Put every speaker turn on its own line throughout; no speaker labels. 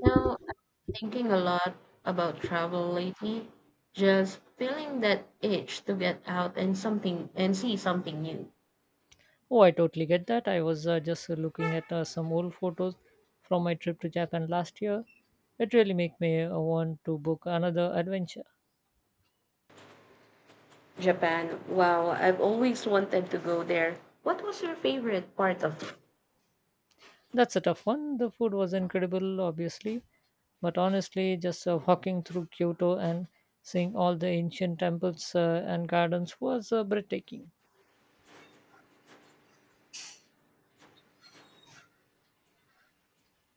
Now, I'm thinking a lot about travel lately, just feeling that itch to get out and something and see something new.
Oh, I totally get that. I was just looking at some old photos from my trip to Japan last year. It really made me want to book another adventure.
Japan. Wow, I've always wanted to go there. What was your favorite part of it?
That's a tough one. The food was incredible, obviously, but honestly, just walking through Kyoto and seeing all the ancient temples and gardens was breathtaking.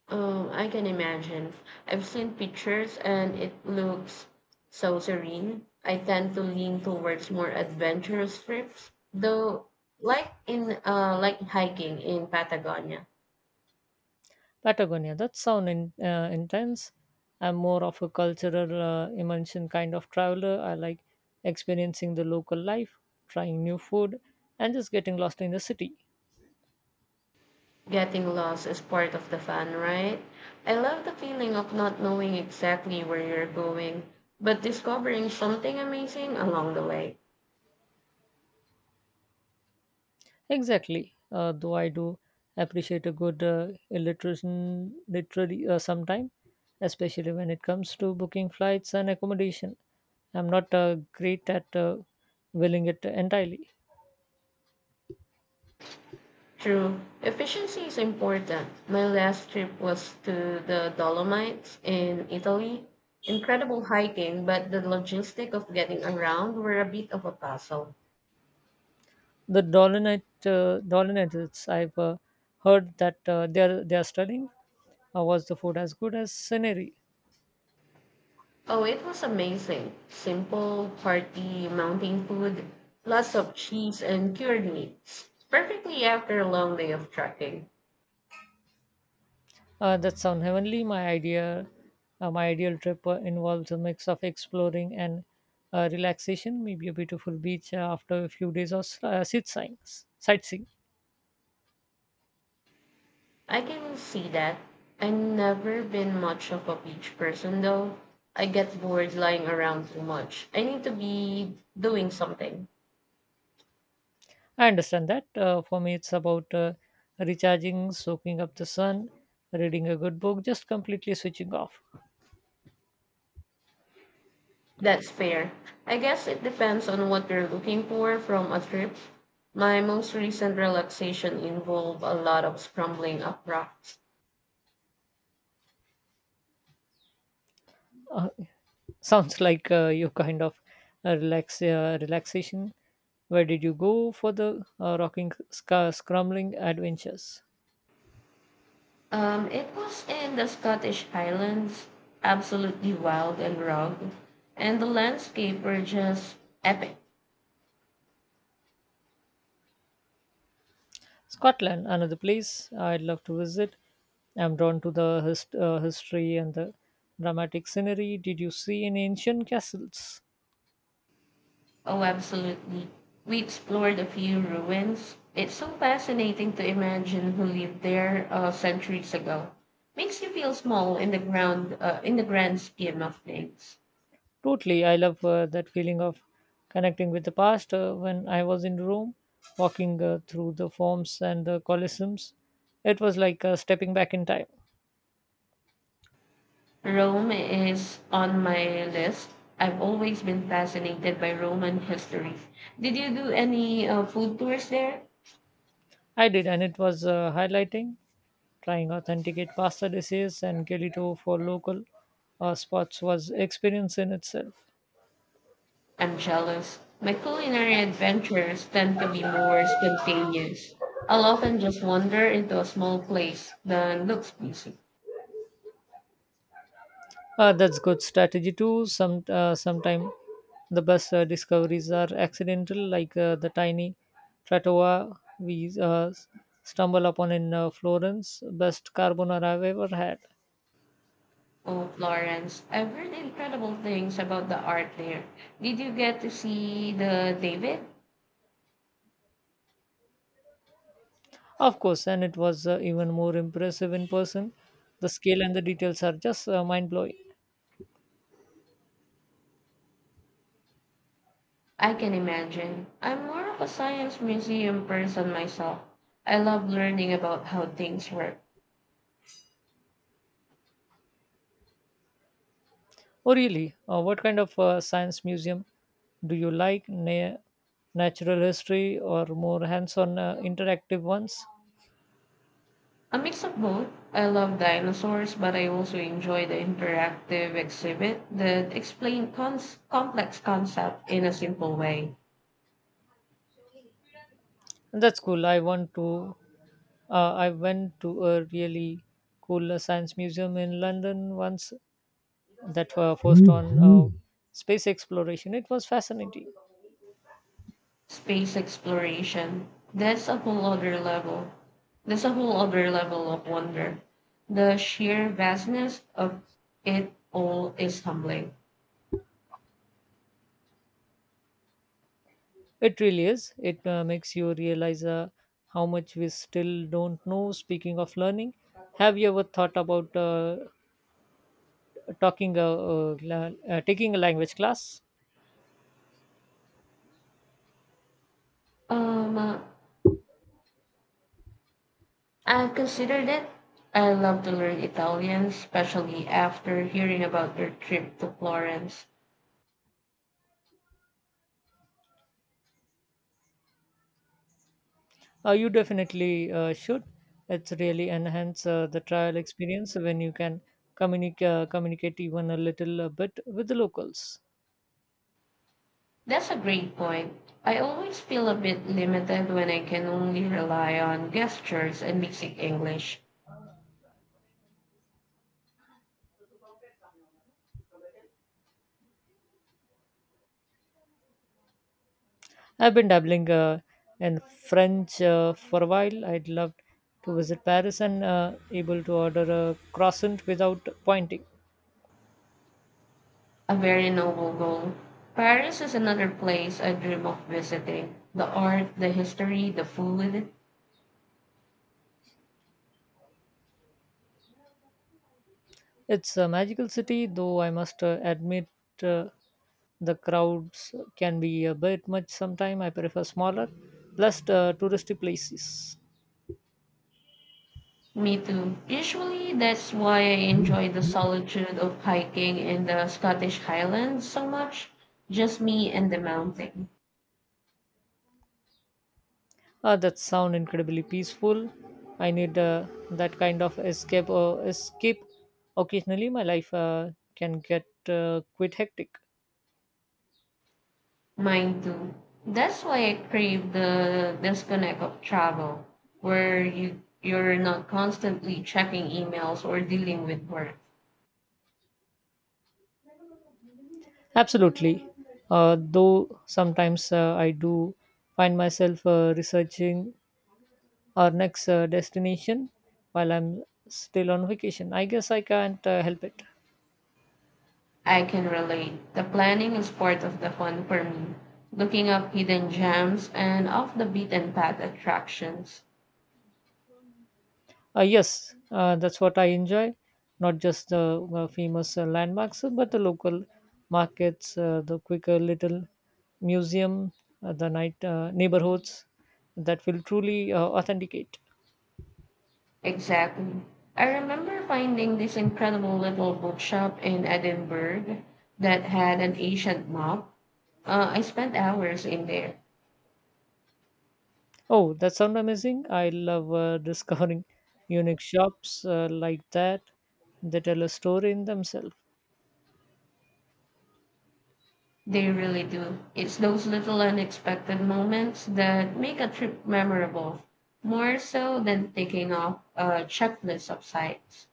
I can imagine. I've seen pictures and it looks so serene. I tend to lean towards more adventurous trips, though, like hiking in Patagonia.
Patagonia, that sound in, intense. I'm more of a cultural immersion kind of traveler. I like experiencing the local life, trying new food, and just getting lost in the city.
Getting lost is part of the fun, right? I love the feeling of not knowing exactly where you're going, but discovering something amazing along the way.
Exactly. Though I do appreciate a good illustration literary sometime, especially when it comes to booking flights and accommodation. I'm not great at willing it entirely.
True, efficiency is important. My last trip was to the Dolomites in Italy. Incredible hiking, but the logistic of getting around were a bit of a puzzle.
The Dolonite, Dolonites, I've heard that they're studying. Was the food as good as scenery?
Oh, it was amazing. Simple, hearty mountain food, lots of cheese and cured meats. Perfectly after a long day of trekking.
That sound heavenly. My ideal trip involves a mix of exploring and relaxation, maybe a beautiful beach after a few days of sightseeing.
I can see that. I've never been much of a beach person though. I get bored lying around too much. I need to be doing something.
I understand that. For me, it's about recharging, soaking up the sun, reading a good book, just completely switching off.
That's fair. I guess it depends on what you're looking for from a trip. My most recent relaxation involved a lot of scrambling up rocks.
Uh, Sounds like you kind of relaxation. Where did you go for the scrambling adventures?
It was in the Scottish Highlands, absolutely wild and rugged, and the landscape were just epic.
Scotland, another place I'd love to visit. I'm drawn to the history and the dramatic scenery. Did you see any ancient castles?
Oh, absolutely. We explored a few ruins. It's so fascinating to imagine who lived there centuries ago. Makes you feel small in the in the grand scheme of things.
Totally, I love that feeling of connecting with the past. When I was in Rome, walking through the forms and the colosseums, it was like stepping back in time.
Rome is on my list. I've always been fascinated by Roman history. Did you do any food tours there?
I did, and it was highlighting trying authenticate pasta dishes and gelato for local spots was experience in itself.
I'm jealous. My culinary adventures tend to be more spontaneous. I'll often just wander into a small place that looks busy.
That's good strategy too. Sometime the best discoveries are accidental, like the tiny trattoria we stumble upon in Florence. Best carbonara I've ever had,
Oh, Florence, I've heard incredible things about the art there. Did you get to see the David?
of course, and it was even more impressive in person. The scale and the details are just mind blowing.
I can imagine. I'm more of a science museum person myself. I love learning about how things work.
Oh, really? What kind of science museum do you like? Natural history or more hands-on interactive ones?
A mix of both. I love dinosaurs, but I also enjoy the interactive exhibit that explain complex concepts in a simple way.
That's cool. I want to. I went to a really cool science museum in London once that focused on space exploration. It was fascinating.
Space exploration. That's a whole other level. That's a whole other level of wonder. The sheer vastness of it all is humbling.
It really is. It makes you realize how much we still don't know. Speaking of learning, have you ever thought about talking uh, taking a language class?
Um, uh, I've considered it. I love to learn Italian, especially after hearing about your trip to Florence.
You definitely should. It's really enhance the trial experience when you can communicate even a little bit with the locals.
That's a great point. I always feel a bit limited when I can only rely on gestures and basic English.
I've been dabbling in French for a while. I'd love to visit Paris and able to order a croissant without pointing.
A very noble goal. Paris is another place I dream of visiting. The art, the history, the food.
It's a magical city, though I must admit uh, the crowds can be a bit much sometimes. I prefer smaller, less touristy places.
Me too. Usually, that's why I enjoy the solitude of hiking in the Scottish Highlands so much. Just me and the mountain.
That sound incredibly peaceful. I need that kind of escape. Or escape occasionally. My life can get quite hectic.
Mine too. That's why I crave the disconnect of travel, where you're not constantly checking emails or dealing with work.
Absolutely. Though sometimes I do find myself researching our next destination while I'm still on vacation. I guess I can't help it.
I can relate. The planning is part of the fun for me. Looking up hidden gems and off the beaten path attractions.
Yes, that's what I enjoy, not just the famous landmarks, but the local markets, the quicker little museum, the night neighborhoods that will truly authenticate.
Exactly. I remember finding this incredible little bookshop in Edinburgh that had an ancient map. I spent hours in there.
Oh, that sounds amazing. I love discovering unique shops like that. They tell a story in themselves.
They really do. It's those little unexpected moments that make a trip memorable, more so than taking off a checklist of sites.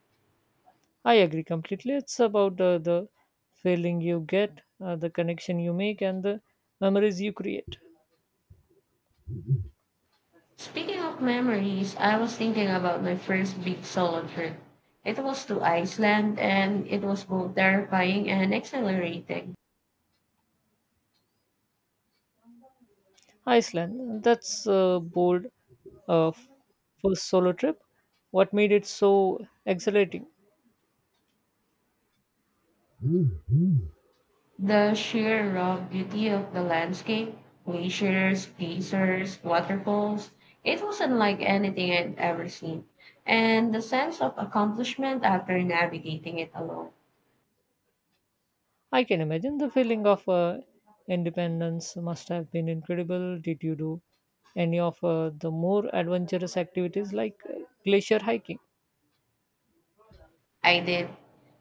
I agree completely. It's about the feeling you get, the connection you make, and the memories you create.
Speaking of memories, I was thinking about my first big solo trip. It was to Iceland and it was both terrifying and exhilarating.
Iceland, that's a bold uh, f- first solo trip. What made it so exhilarating?
The sheer raw beauty of the landscape, glaciers, geysers, waterfalls, it was unlike anything I'd ever seen. And the sense of accomplishment after navigating it alone.
I can imagine the feeling of independence must have been incredible. Did you do any of the more adventurous activities like glacier hiking?
I did.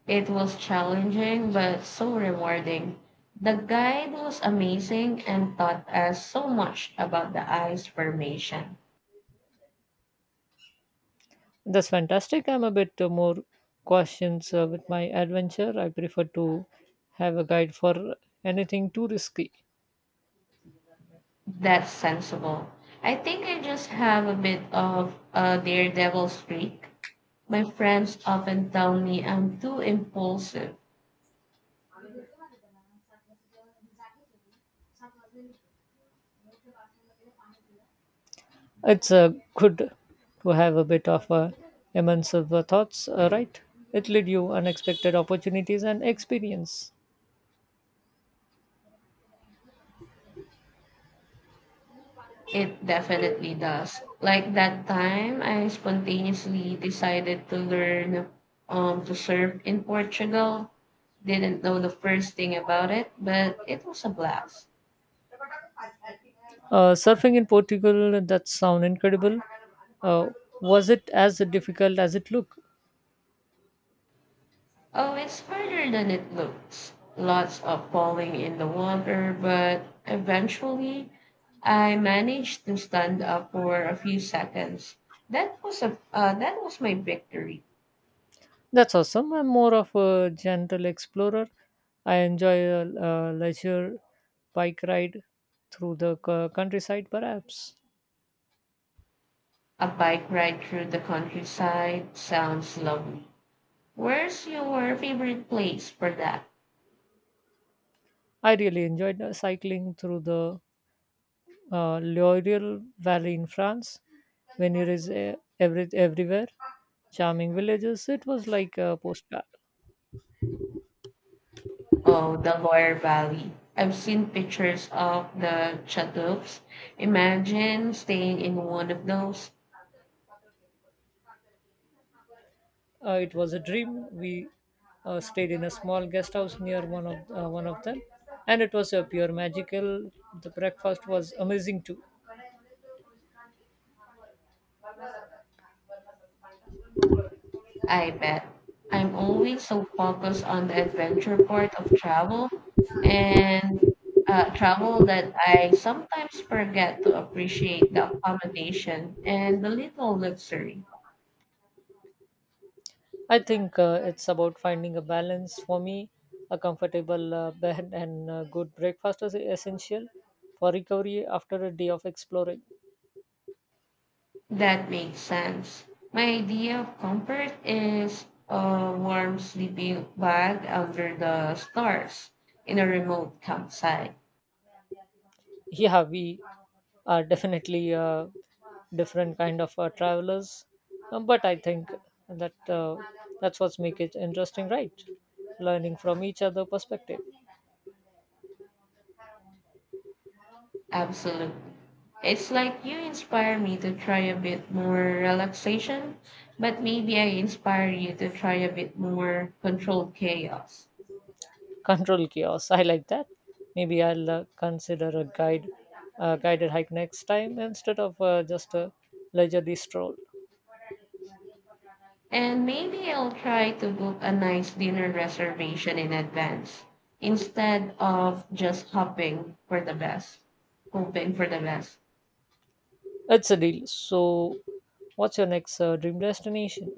It was challenging but so rewarding. The guide was amazing and taught us so much about the ice formation.
That's fantastic. I'm a bit more cautious with my adventure. I prefer to have a guide for anything too risky.
That's sensible. I think I just have a bit of a daredevil streak. My friends often tell me I'm too impulsive.
It's good to have a bit of immense of, thoughts, right? It lead you unexpected opportunities and experience.
It definitely does. Like that time, I spontaneously decided to learn to surf in Portugal. Didn't know the first thing about it, but it was a blast.
Surfing in Portugal, that sound incredible. Uh, was it as difficult as it looked?
Oh, it's harder than it looks. Lots of falling in the water, but eventually I managed to stand up for a few seconds. That was my victory.
That's awesome. I'm more of a gentle explorer. I enjoy a leisure bike ride through the countryside, perhaps.
A bike ride through the countryside sounds lovely. Where's your favorite place for that?
I really enjoyed cycling through the L'Oreal Valley in France. When it is everywhere, charming villages, it was like a postcard.
Oh, the Loire Valley. I've seen pictures of the chatooks. Imagine staying in one of those.
It was a dream. We stayed in a small guest house near one of them, and it was a pure magical. The breakfast was amazing too.
I bet. I'm always so focused on the adventure part of travel and travel that I sometimes forget to appreciate the accommodation and the little luxury.
I think it's about finding a balance. For me, a comfortable bed and good breakfast is essential for recovery after a day of exploring.
That makes sense. My idea of comfort is a warm sleeping bag under the stars in a remote campsite.
Yeah, we are definitely different kind of travelers, but I think that uh, that's what's make it interesting, right? Learning from each other perspective.
Absolutely. It's like you inspire me to try a bit more relaxation, but maybe I inspire you to try a bit more controlled chaos.
Control chaos. I like that. Maybe I'll guided hike next time instead of just a leisurely stroll.
And maybe I'll try to book a nice dinner reservation in advance instead of just hoping for the best, hoping for the best.
It's a deal. So, what's your next dream destination?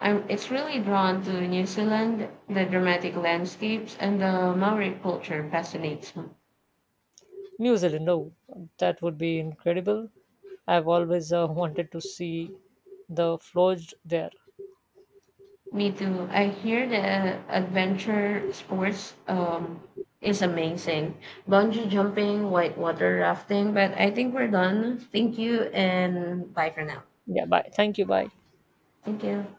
It's really drawn to New Zealand. The dramatic landscapes and the Maori culture fascinates me.
New Zealand. Oh, that would be incredible. I've always wanted to see the floors there.
Me too. I hear the adventure sports is amazing. Bungee jumping, whitewater rafting, but I think we're done. Thank you and bye for now.
Yeah, bye. Thank you. Bye.
Thank you.